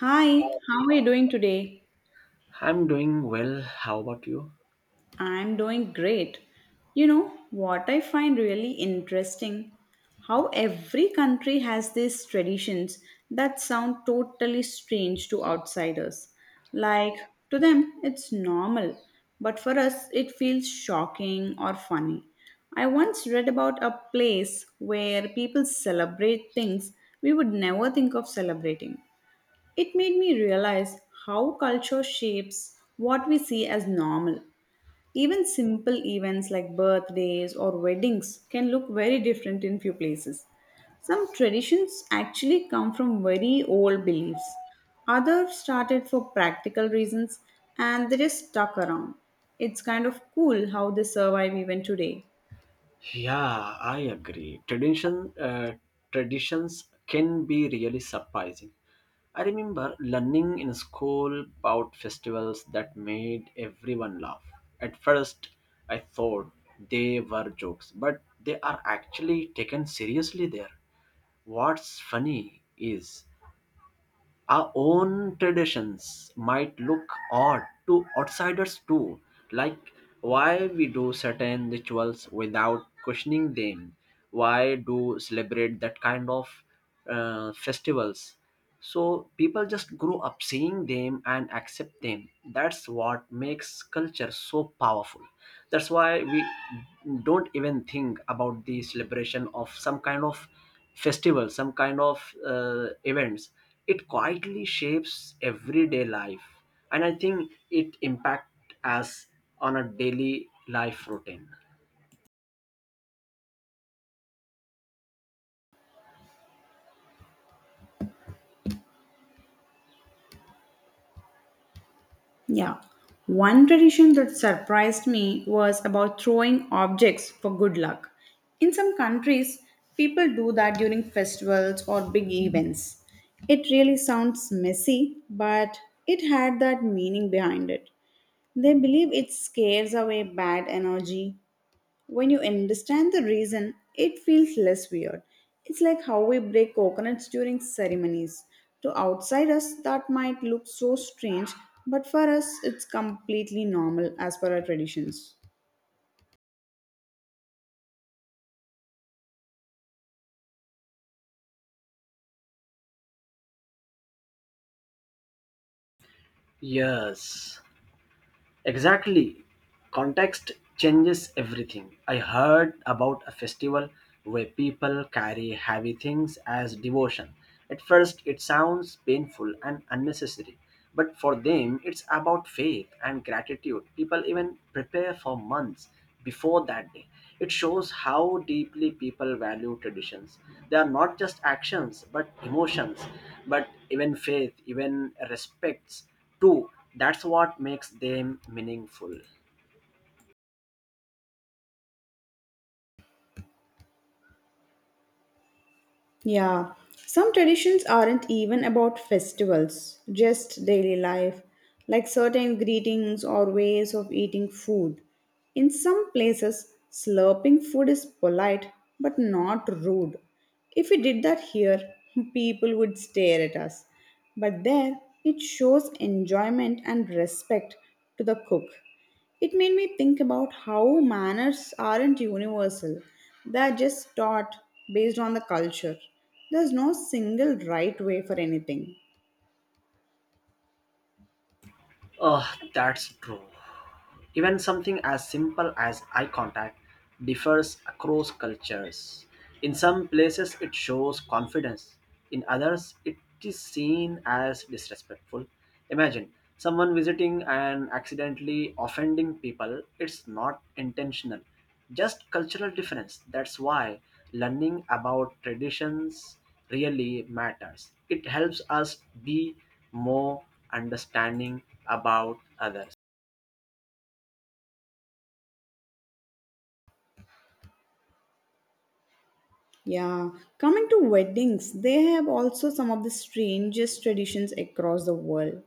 Hi, how are you doing today? I'm doing well. How about you? I'm doing great. You know what I find really interesting, how every country has these traditions that sound totally strange to outsiders. Like, to them it's normal, but for us it feels shocking or funny. I once read about a place where people celebrate things we would never think of celebrating. It made me realize how culture shapes what we see as normal. Even simple events like birthdays or weddings can look very different in few places. Some traditions actually come from very old beliefs. Others started for practical reasons and they just stuck around. It's kind of cool how they survive even today. Yeah, I agree. Uh, traditions can be really surprising. I remember learning in school about festivals that made everyone laugh. At first, I thought they were jokes, but they are actually taken seriously there. What's funny is our own traditions might look odd to outsiders too, like why we do certain rituals without questioning them, why do celebrate that kind of festivals. So people just grow up seeing them and accept them. That's what makes culture so powerful. That's why we don't even think about the celebration of some kind of festival, some kind of events. It quietly shapes everyday life, and I think it impact us on a daily life routine. Yeah. One tradition that surprised me was about throwing objects for good luck. In some countries, people do that during festivals or big events. It really sounds messy, but it had that meaning behind it. They believe it scares away bad energy. When you understand the reason, it feels less weird. It's like how we break coconuts during ceremonies. To outsiders, that might look so strange, but for us, it's completely normal as per our traditions. Yes, exactly. Context changes everything. I heard about a festival where people carry heavy things as devotion. At first, it sounds painful and unnecessary, but for them, it's about faith and gratitude. People even prepare for months before that day. It shows how deeply people value traditions. They are not just actions, but emotions, but even faith, even respects. True, that's what makes them meaningful. Yeah, some traditions aren't even about festivals, just daily life, like certain greetings or ways of eating food. In some places, slurping food is polite but not rude. If we did that here, people would stare at us. But there, it shows enjoyment and respect to the cook. It made me think about how manners aren't universal, they're just taught based on the culture. There's no single right way for anything. Oh, that's true. Even something as simple as eye contact differs across cultures. In some places, it shows confidence, in others, it is seen as disrespectful. Imagine someone visiting and accidentally offending people, it's not intentional, just cultural difference. That's why learning about traditions really matters. It helps us be more understanding about others. Yeah, coming to weddings, they have also some of the strangest traditions across the world.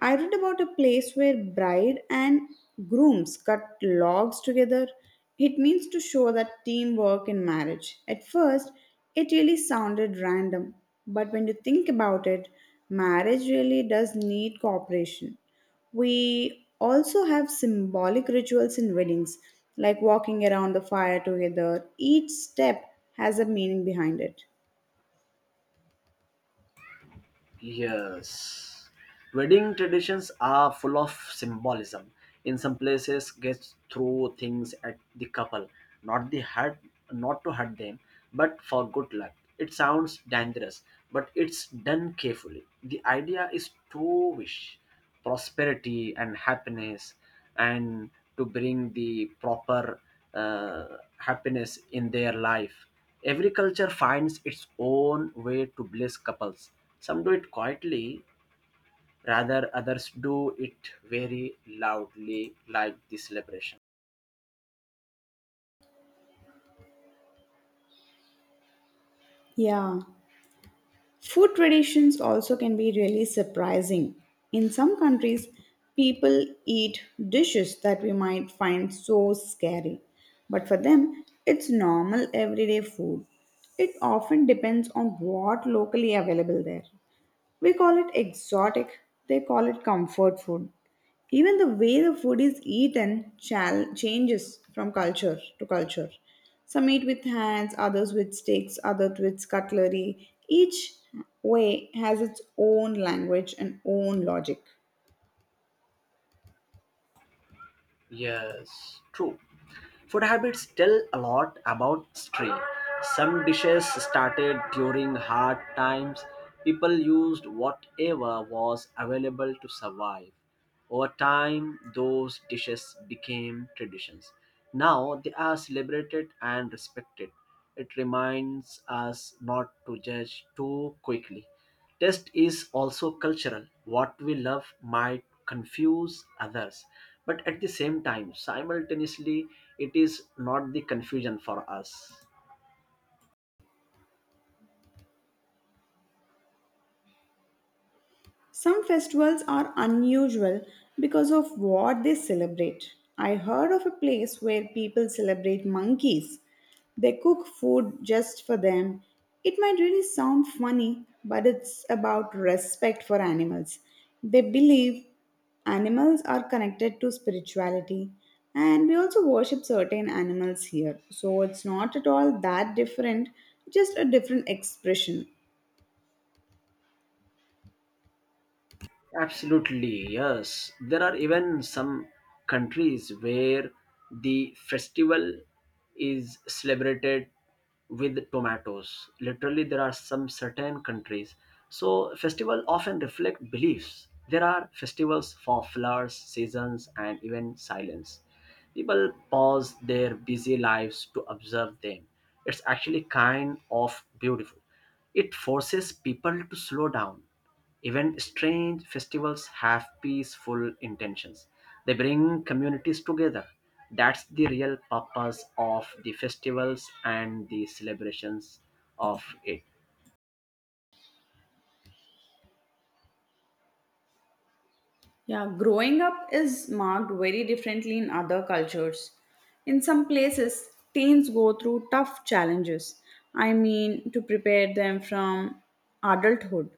I read about a place where bride and grooms cut logs together. It means to show that teamwork in marriage. At first, it really sounded random, but when you think about it, marriage really does need cooperation. We also have symbolic rituals in weddings, like walking around the fire together. Each step has a meaning behind it. Yes. Wedding traditions are full of symbolism. In some places, guests throw things at the couple, not the hurt, not to hurt them, but for good luck. It sounds dangerous, but it's done carefully. The idea is to wish prosperity and happiness and to bring the proper happiness in their life. Every culture finds its own way to bless couples. Some do it quietly, rather others do it very loudly, like the celebration. Yeah. Food traditions also can be really surprising. In some countries, people eat dishes that we might find so scary, but for them, it's normal everyday food. It often depends on what locally available there. We call it exotic, they call it comfort food. Even the way the food is eaten changes from culture to culture. Some eat with hands, others with sticks, others with cutlery. Each way has its own language and own logic. Yes, true. Food habits tell a lot about stream. Some dishes started during hard times. People used whatever was available to survive. Over time, those dishes became traditions. Now they are celebrated and respected. It reminds us not to judge too quickly. Taste is also cultural. What we love might confuse others, but at the same time, simultaneously, it is not the confusion for us. Some festivals are unusual because of what they celebrate. I heard of a place where people celebrate monkeys. They cook food just for them. It might really sound funny, but it's about respect for animals. They believe animals are connected to spirituality, and we also worship certain animals here. So it's not at all that different, just a different expression. Absolutely, yes. There are even some countries where the festival is celebrated with tomatoes. Literally, there are some certain countries. So, festival often reflect beliefs. There are festivals for flowers, seasons, and even silence. People pause their busy lives to observe them. It's actually kind of beautiful. It forces people to slow down. Even strange festivals have peaceful intentions. They bring communities together. That's the real purpose of the festivals and the celebrations of it. Yeah, growing up is marked very differently in other cultures. In some places, teens go through tough challenges. I mean, to prepare them from adulthood.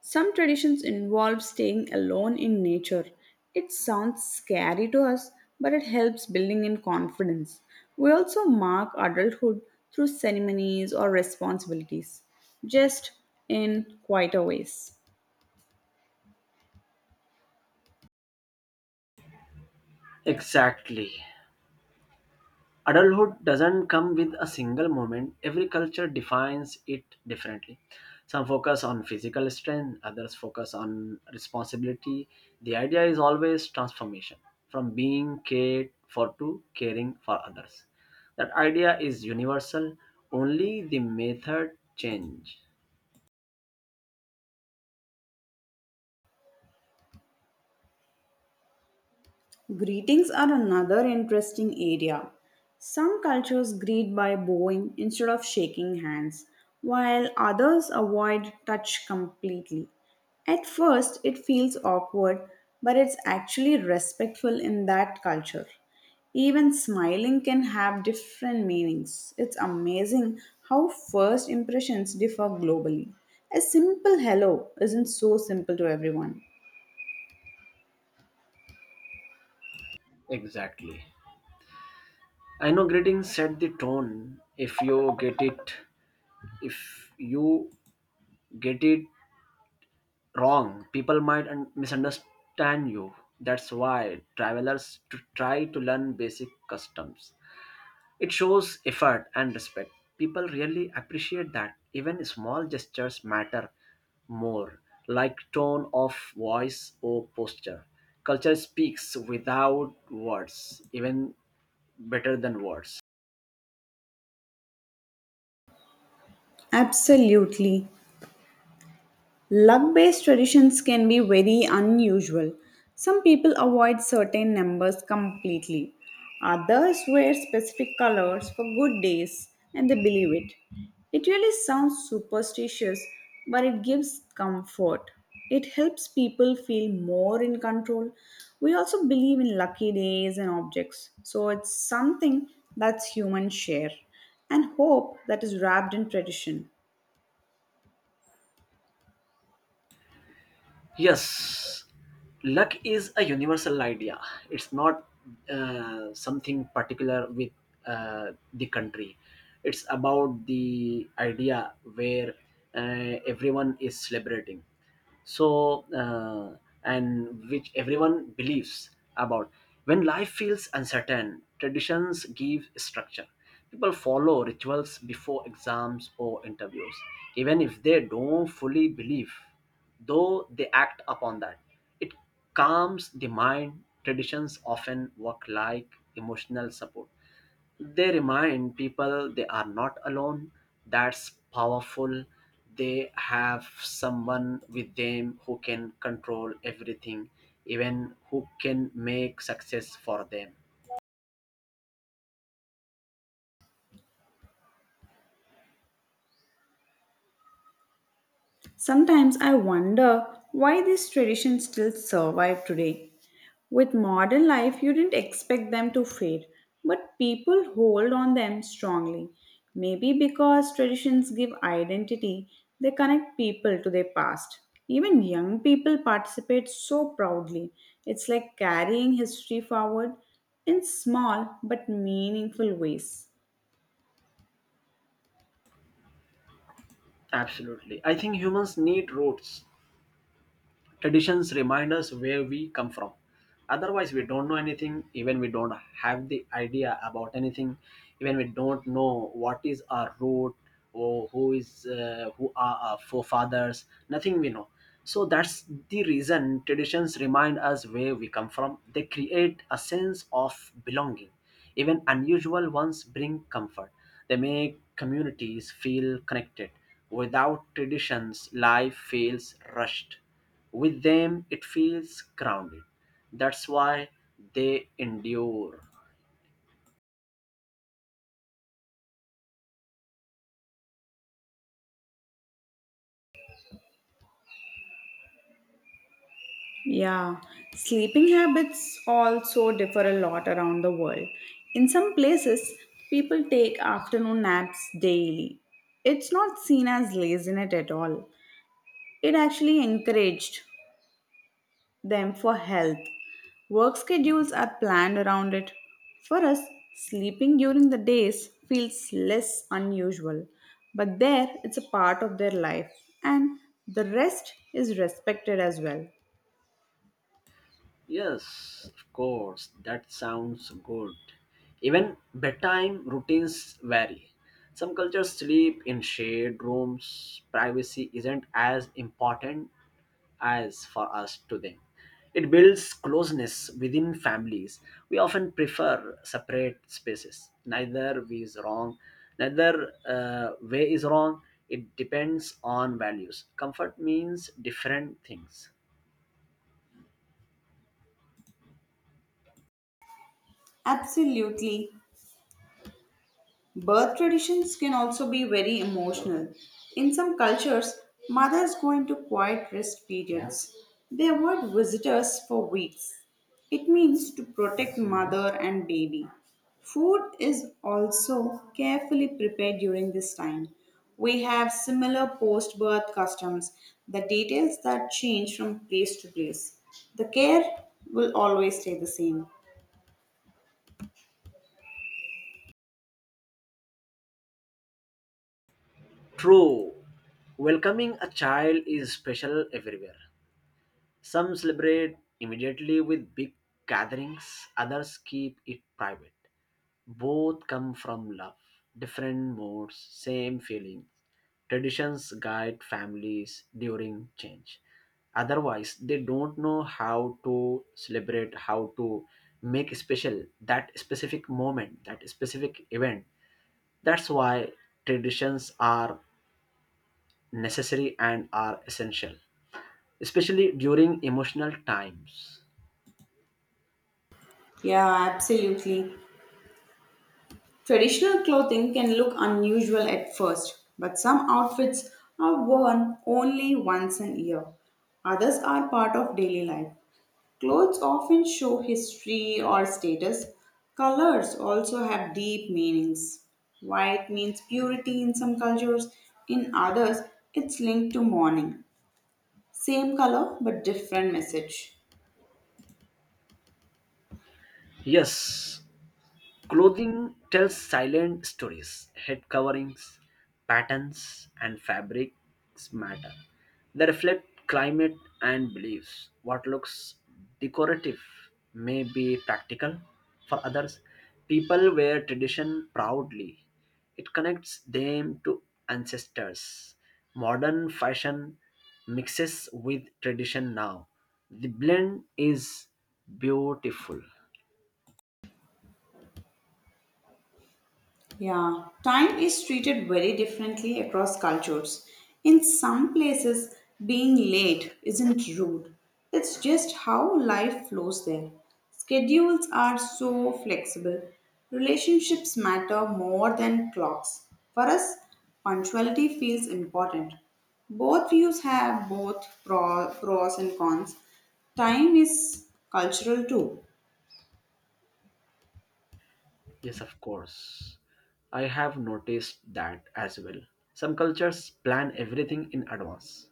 Some traditions involve staying alone in nature. It sounds scary to us, but it helps building in confidence. We also mark adulthood through ceremonies or responsibilities, just in quieter ways. Exactly. Adulthood doesn't come with a single moment. Every culture defines it differently. Some focus on physical strength, others focus on responsibility. The idea is always transformation, from being cared for to caring for others. That idea is universal. Only the method change. Greetings are another interesting area. Some cultures greet by bowing instead of shaking hands, while others avoid touch completely. At first, it feels awkward, but it's actually respectful in that culture. Even smiling can have different meanings. It's amazing how first impressions differ globally. A simple hello isn't so simple to everyone. Exactly, I know greetings set the tone. If you get it if you get it wrong, people might misunderstand you. That's why travelers try to learn basic customs. It shows effort and respect. People really appreciate that. Even small gestures matter more, like tone of voice or posture. Culture speaks without words, even better than words. Absolutely. Luck based traditions can be very unusual. Some people avoid certain numbers completely. Others wear specific colors for good days and they believe it. It really sounds superstitious, but it gives comfort. It helps people feel more in control. We also believe in lucky days and objects, so it's something that's human share and hope that is wrapped in tradition. Yes, luck is a universal idea. It's not something particular with the country. It's about the idea where everyone is celebrating. So, uh, and which everyone believes about. When life feels uncertain, traditions give structure. People follow rituals before exams or interviews, even if they don't fully believe though they act upon that. It calms the mind. Traditions often work like emotional support. They remind people they are not alone. That's powerful. They have someone with them who can control everything, even who can make success for them. Sometimes I wonder why these traditions still survive today. With modern life, you didn't expect them to fade, but people hold on them strongly. Maybe because traditions give identity, they connect people to their past. Even young people participate so proudly. It's like carrying history forward in small but meaningful ways. Absolutely. I think humans need roots. Traditions remind us where we come from. Otherwise, we don't know anything, even we don't have the idea about anything, even we don't know what is our root or who is who are our forefathers. Nothing we know. So that's the reason traditions remind us where we come from. They create a sense of belonging. Even unusual ones bring comfort. They make communities feel connected. Without traditions, life feels rushed. With them, it feels grounded. That's why they endure. Yeah, sleeping habits also differ a lot around the world. In some places, people take afternoon naps daily. It's not seen as laziness at all. It actually encouraged them for health. Work schedules are planned around it. For us, sleeping during the days feels less unusual, but there it's a part of their life, and the rest is respected as well. Yes, of course, that sounds good. Even bedtime routines vary. Some cultures sleep in shared rooms, privacy isn't as important as for us to them. It builds closeness within families. We often prefer separate spaces. Neither way is wrong. Neither way is wrong. It depends on values. Comfort means different things. Absolutely. Birth traditions can also be very emotional. In some cultures, mothers go into quiet rest periods. They avoid visitors for weeks. It means to protect mother and baby. Food is also carefully prepared during this time. We have similar post birth customs, the details that change from place to place. The care will always stay the same. True. Welcoming a child is special everywhere. Some celebrate immediately with big gatherings, others keep it private. Both come from love, different modes, same feelings. Traditions guide families during change. Otherwise, they don't know how to celebrate, how to make special that specific moment, that specific event. That's why traditions are necessary and are essential, especially during emotional times. Yeah, absolutely. Traditional clothing can look unusual at first, but some outfits are worn only once a year. Others are part of daily life. Clothes often show history or status. Colors also have deep meanings. White means purity in some cultures, in others, it's linked to mourning. Same color but different message. Yes, clothing tells silent stories. Head coverings, patterns, and fabrics matter. They reflect climate and beliefs. What looks decorative may be practical for others. People wear tradition proudly, it connects them to ancestors. Modern fashion mixes with tradition now. The blend is beautiful. Yeah, time is treated very differently across cultures. In some places, being late isn't rude, it's just how life flows there. Schedules are so flexible, relationships matter more than clocks. For us, punctuality feels important. Both views have both pros and cons. Time is cultural too. Yes, of course. I have noticed that as well. Some cultures plan everything in advance,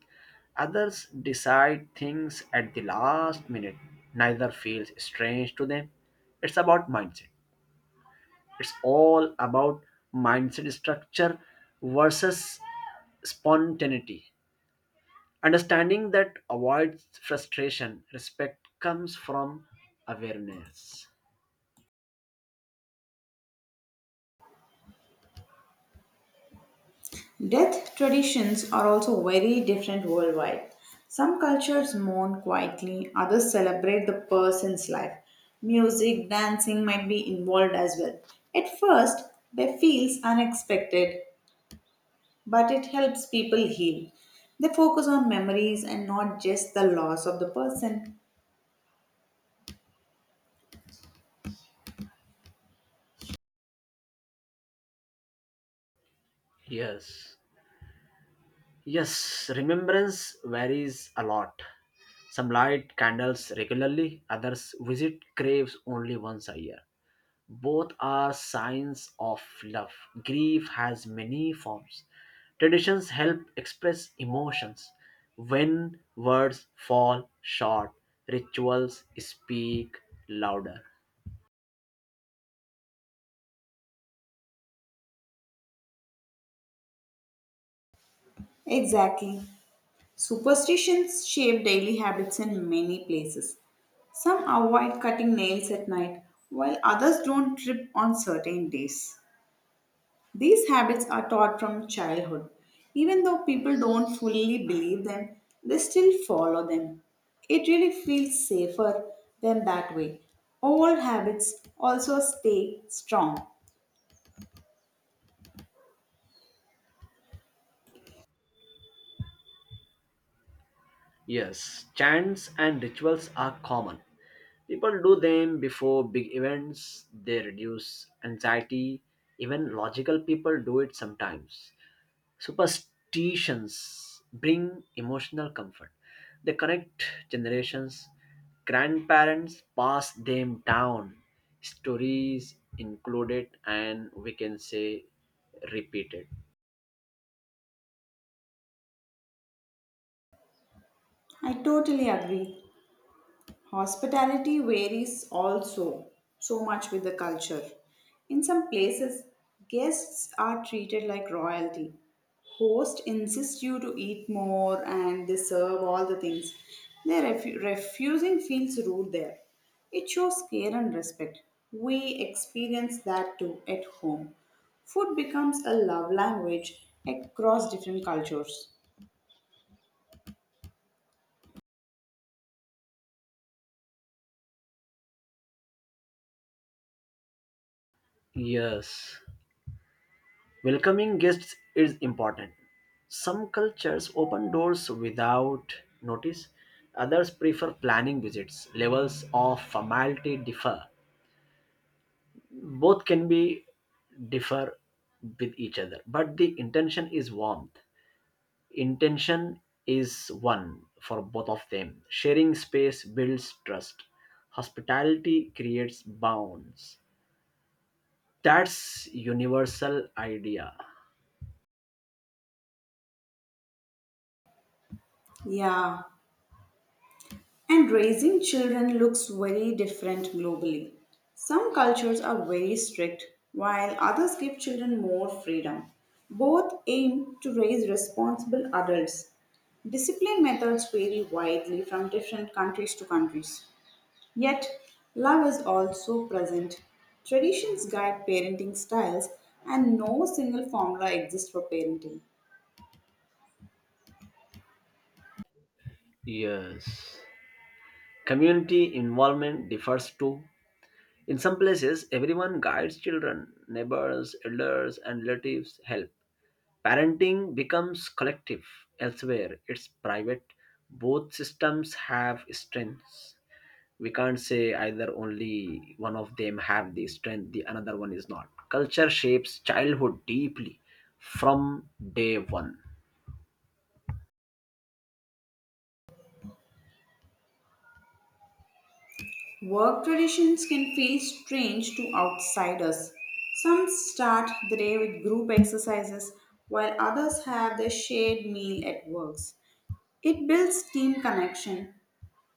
others decide things at the last minute. Neither feels strange to them. It's about mindset. It's all about mindset structure versus spontaneity. Understanding that avoids frustration, respect comes from awareness. Death traditions are also very different worldwide. Some cultures mourn quietly, others celebrate the person's life. Music, dancing might be involved as well. At first, they feels unexpected, but it helps people heal. They focus on memories and not just the loss of the person. Yes. Yes, remembrance varies a lot. Some light candles regularly, others visit graves only once a year. Both are signs of love. Grief has many forms. Traditions help express emotions. When words fall short, rituals speak louder. Exactly. Superstitions shape daily habits in many places. Some avoid cutting nails at night, while others don't trip on certain days. These habits are taught from childhood. Even though people don't fully believe them, they still follow them. It really feels safer than that way. Old habits also stay strong. Yes, chants and rituals are common. People do them before big events, they reduce anxiety. Even logical people do it sometimes. Superstitions bring emotional comfort, they connect generations. Grandparents pass them down, stories included, and we can say repeated. I totally agree. Hospitality varies also so much with the culture. In some places, guests are treated like royalty. Host insists you to eat more and they serve all the things. Their refusing feels rude there. It shows care and respect. We experience that too at home. Food becomes a love language across different cultures. Yes. Welcoming guests is important. Some cultures open doors without notice, others prefer planning visits. Levels of formality differ. Both can be differ with each other, but the intention is warmth. Intention is one for both of them. Sharing space builds trust. Hospitality creates bonds. That's universal idea. Yeah, and raising children looks very different globally. Some cultures are very strict, while others give children more freedom. Both aim to raise responsible adults. Discipline methods vary widely from different countries to countries. Yet, love is also present. Traditions guide parenting styles, and no single formula exists for parenting. Yes. Community involvement differs too. In some places, everyone guides children, neighbors, elders, and relatives help. Parenting becomes collective. Elsewhere, it's private. Both systems have strengths. We can't say either only one of them have the strength, the another one is not. Culture shapes childhood deeply from day one. Work traditions can feel strange to outsiders. Some start the day with group exercises, while others have their shared meal at works. It builds team connection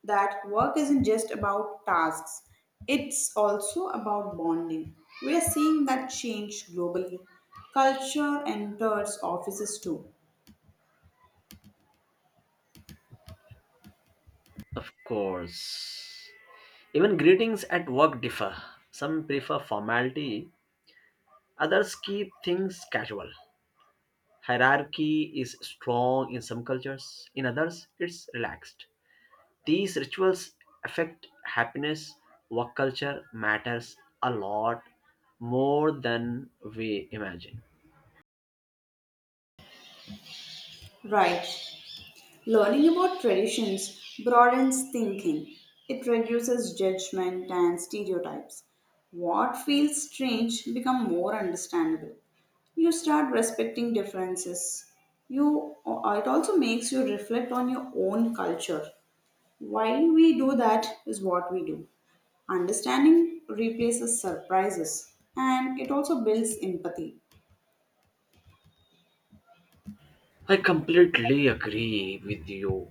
that work isn't just about tasks, it's also about bonding. We are seeing that change globally. Culture enters offices too. Of course. Even greetings at work differ. Some prefer formality, others keep things casual. Hierarchy is strong in some cultures, in others, it's relaxed. These rituals affect happiness. Work culture matters a lot more than we imagine. Right, learning about traditions broadens thinking. It reduces judgment and stereotypes. What feels strange become more understandable. You start respecting differences. You It also makes you reflect on your own culture. Why we do that is what we do. Understanding replaces surprises and it also builds empathy. I completely agree with you.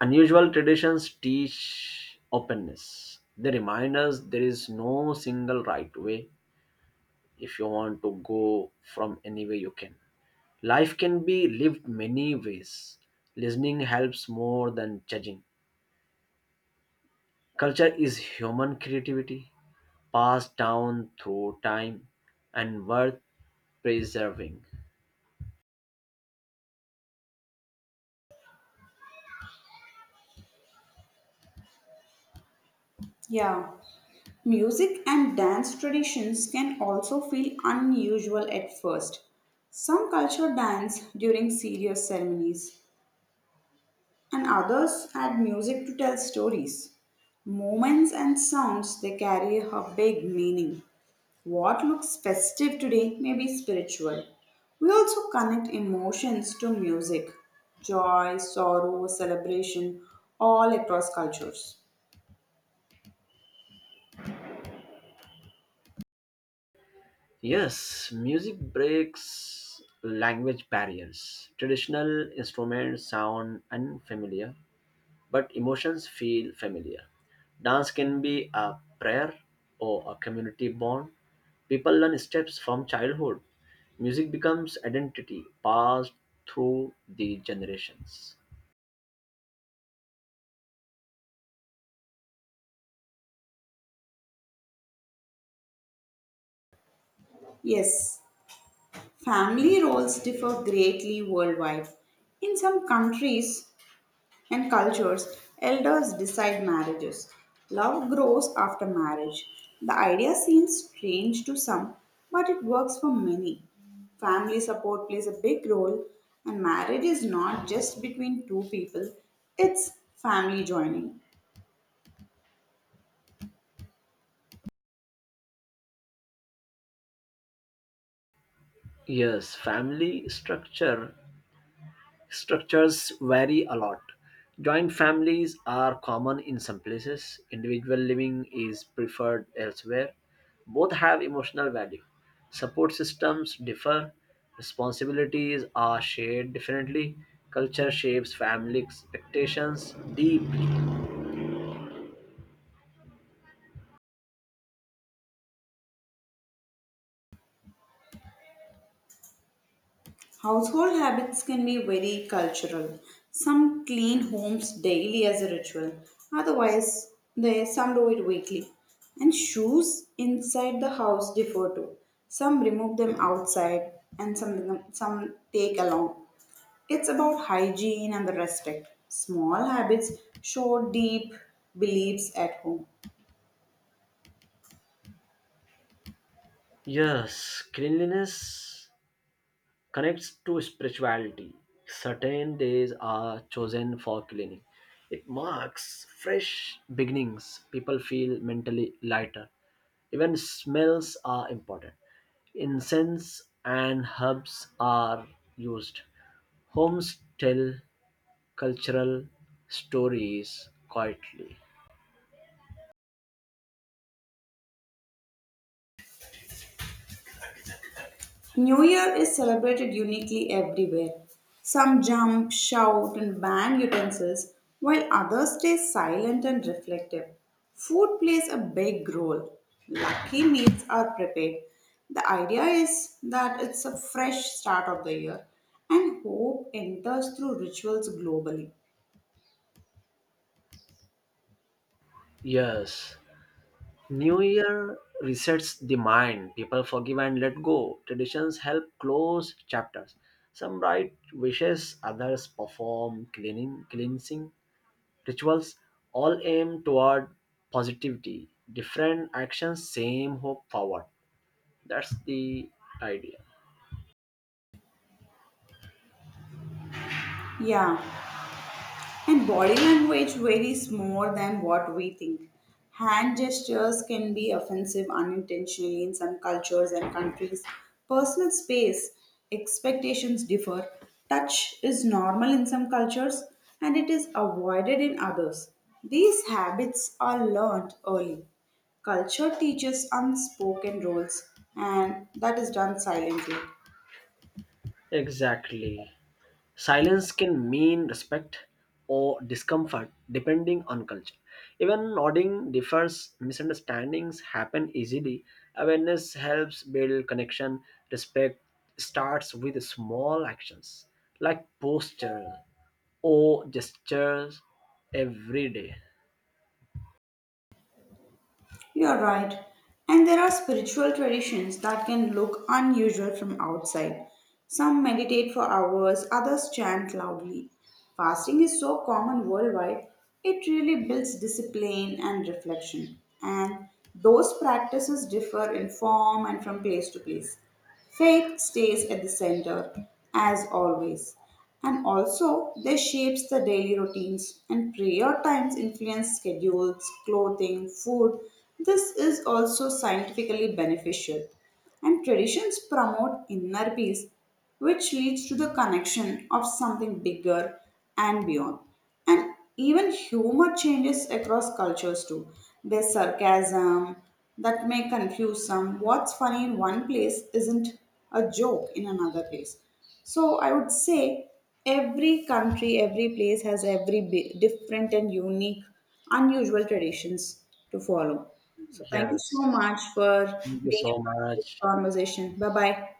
Unusual traditions teach openness. They remind us there is no single right way. If you want to go from any way, you can. Life can be lived many ways. Listening helps more than judging. Culture is human creativity passed down through time and worth preserving. Yeah. Music and dance traditions can also feel unusual at first. Some culture dance during serious ceremonies, and others add music to tell stories. Moments and sounds they carry a big meaning. What looks festive today may be spiritual. We also connect emotions to music, joy, sorrow, celebration, all across cultures. Yes, music breaks language barriers. Traditional instruments sound unfamiliar, but emotions feel familiar. Dance can be a prayer or a community bond. People learn steps from childhood. Music becomes identity passed through the generations. Yes, family roles differ greatly worldwide. In some countries and cultures, elders decide marriages. Love grows after marriage. The idea seems strange to some, but it works for many. Family support plays a big role, and marriage is not just between two people, it's family joining. Yes, family structure structures vary a lot. Joint families are common in some places, individual living is preferred elsewhere. Both have emotional value. Support systems differ, responsibilities are shared differently, culture shapes family expectations deeply. Household habits can be very cultural. Some clean homes daily as a ritual, otherwise, they some do it weekly. And shoes inside the house differ too. Some remove them outside, and some take along. It's about hygiene and the respect. Small habits show deep beliefs at home. Yes, cleanliness connects to spirituality. Certain days are chosen for cleaning. It marks fresh beginnings. People feel mentally lighter. Even smells are important. Incense and herbs are used. Homes tell cultural stories quietly. New Year is celebrated uniquely everywhere. Some jump, shout, and bang utensils, while others stay silent and reflective. Food plays a big role. Lucky meals are prepared. The idea is that it's a fresh start of the year, and hope enters through rituals globally. Yes, New Year resets the mind. People forgive and let go. Traditions help close chapters. Some write wishes, others perform cleaning, cleansing rituals. All aim toward positivity. Different actions, same hope forward. That's the idea. Yeah, and body language varies more than what we think. Hand gestures can be offensive unintentionally in some cultures and countries. Personal space expectations differ. Touch is normal in some cultures and it is avoided in others. These habits are learned early. Culture teaches unspoken rules and that is done silently. Exactly. Silence can mean respect or discomfort depending on culture. Even nodding differs, misunderstandings happen easily. Awareness helps build connection. Respect starts with small actions like posture or gestures every day. You're right. And there are spiritual traditions that can look unusual from outside. Some meditate for hours, others chant loudly. Fasting is so common worldwide, it really builds discipline and reflection. And those practices differ in form and from place to place. Faith stays at the center, as always, and also they shapes the daily routines and prayer times influence schedules, clothing, food. This is also scientifically beneficial. And traditions promote inner peace, which leads to the connection of something bigger and beyond. And even humor changes across cultures too. There's sarcasm that may confuse some. What's funny in one place isn't a joke in another place. So I would say every country, every place has every different and unique, unusual traditions to follow. So thank you Yes. so much for Thank you being a so part of this much. conversation. Bye bye.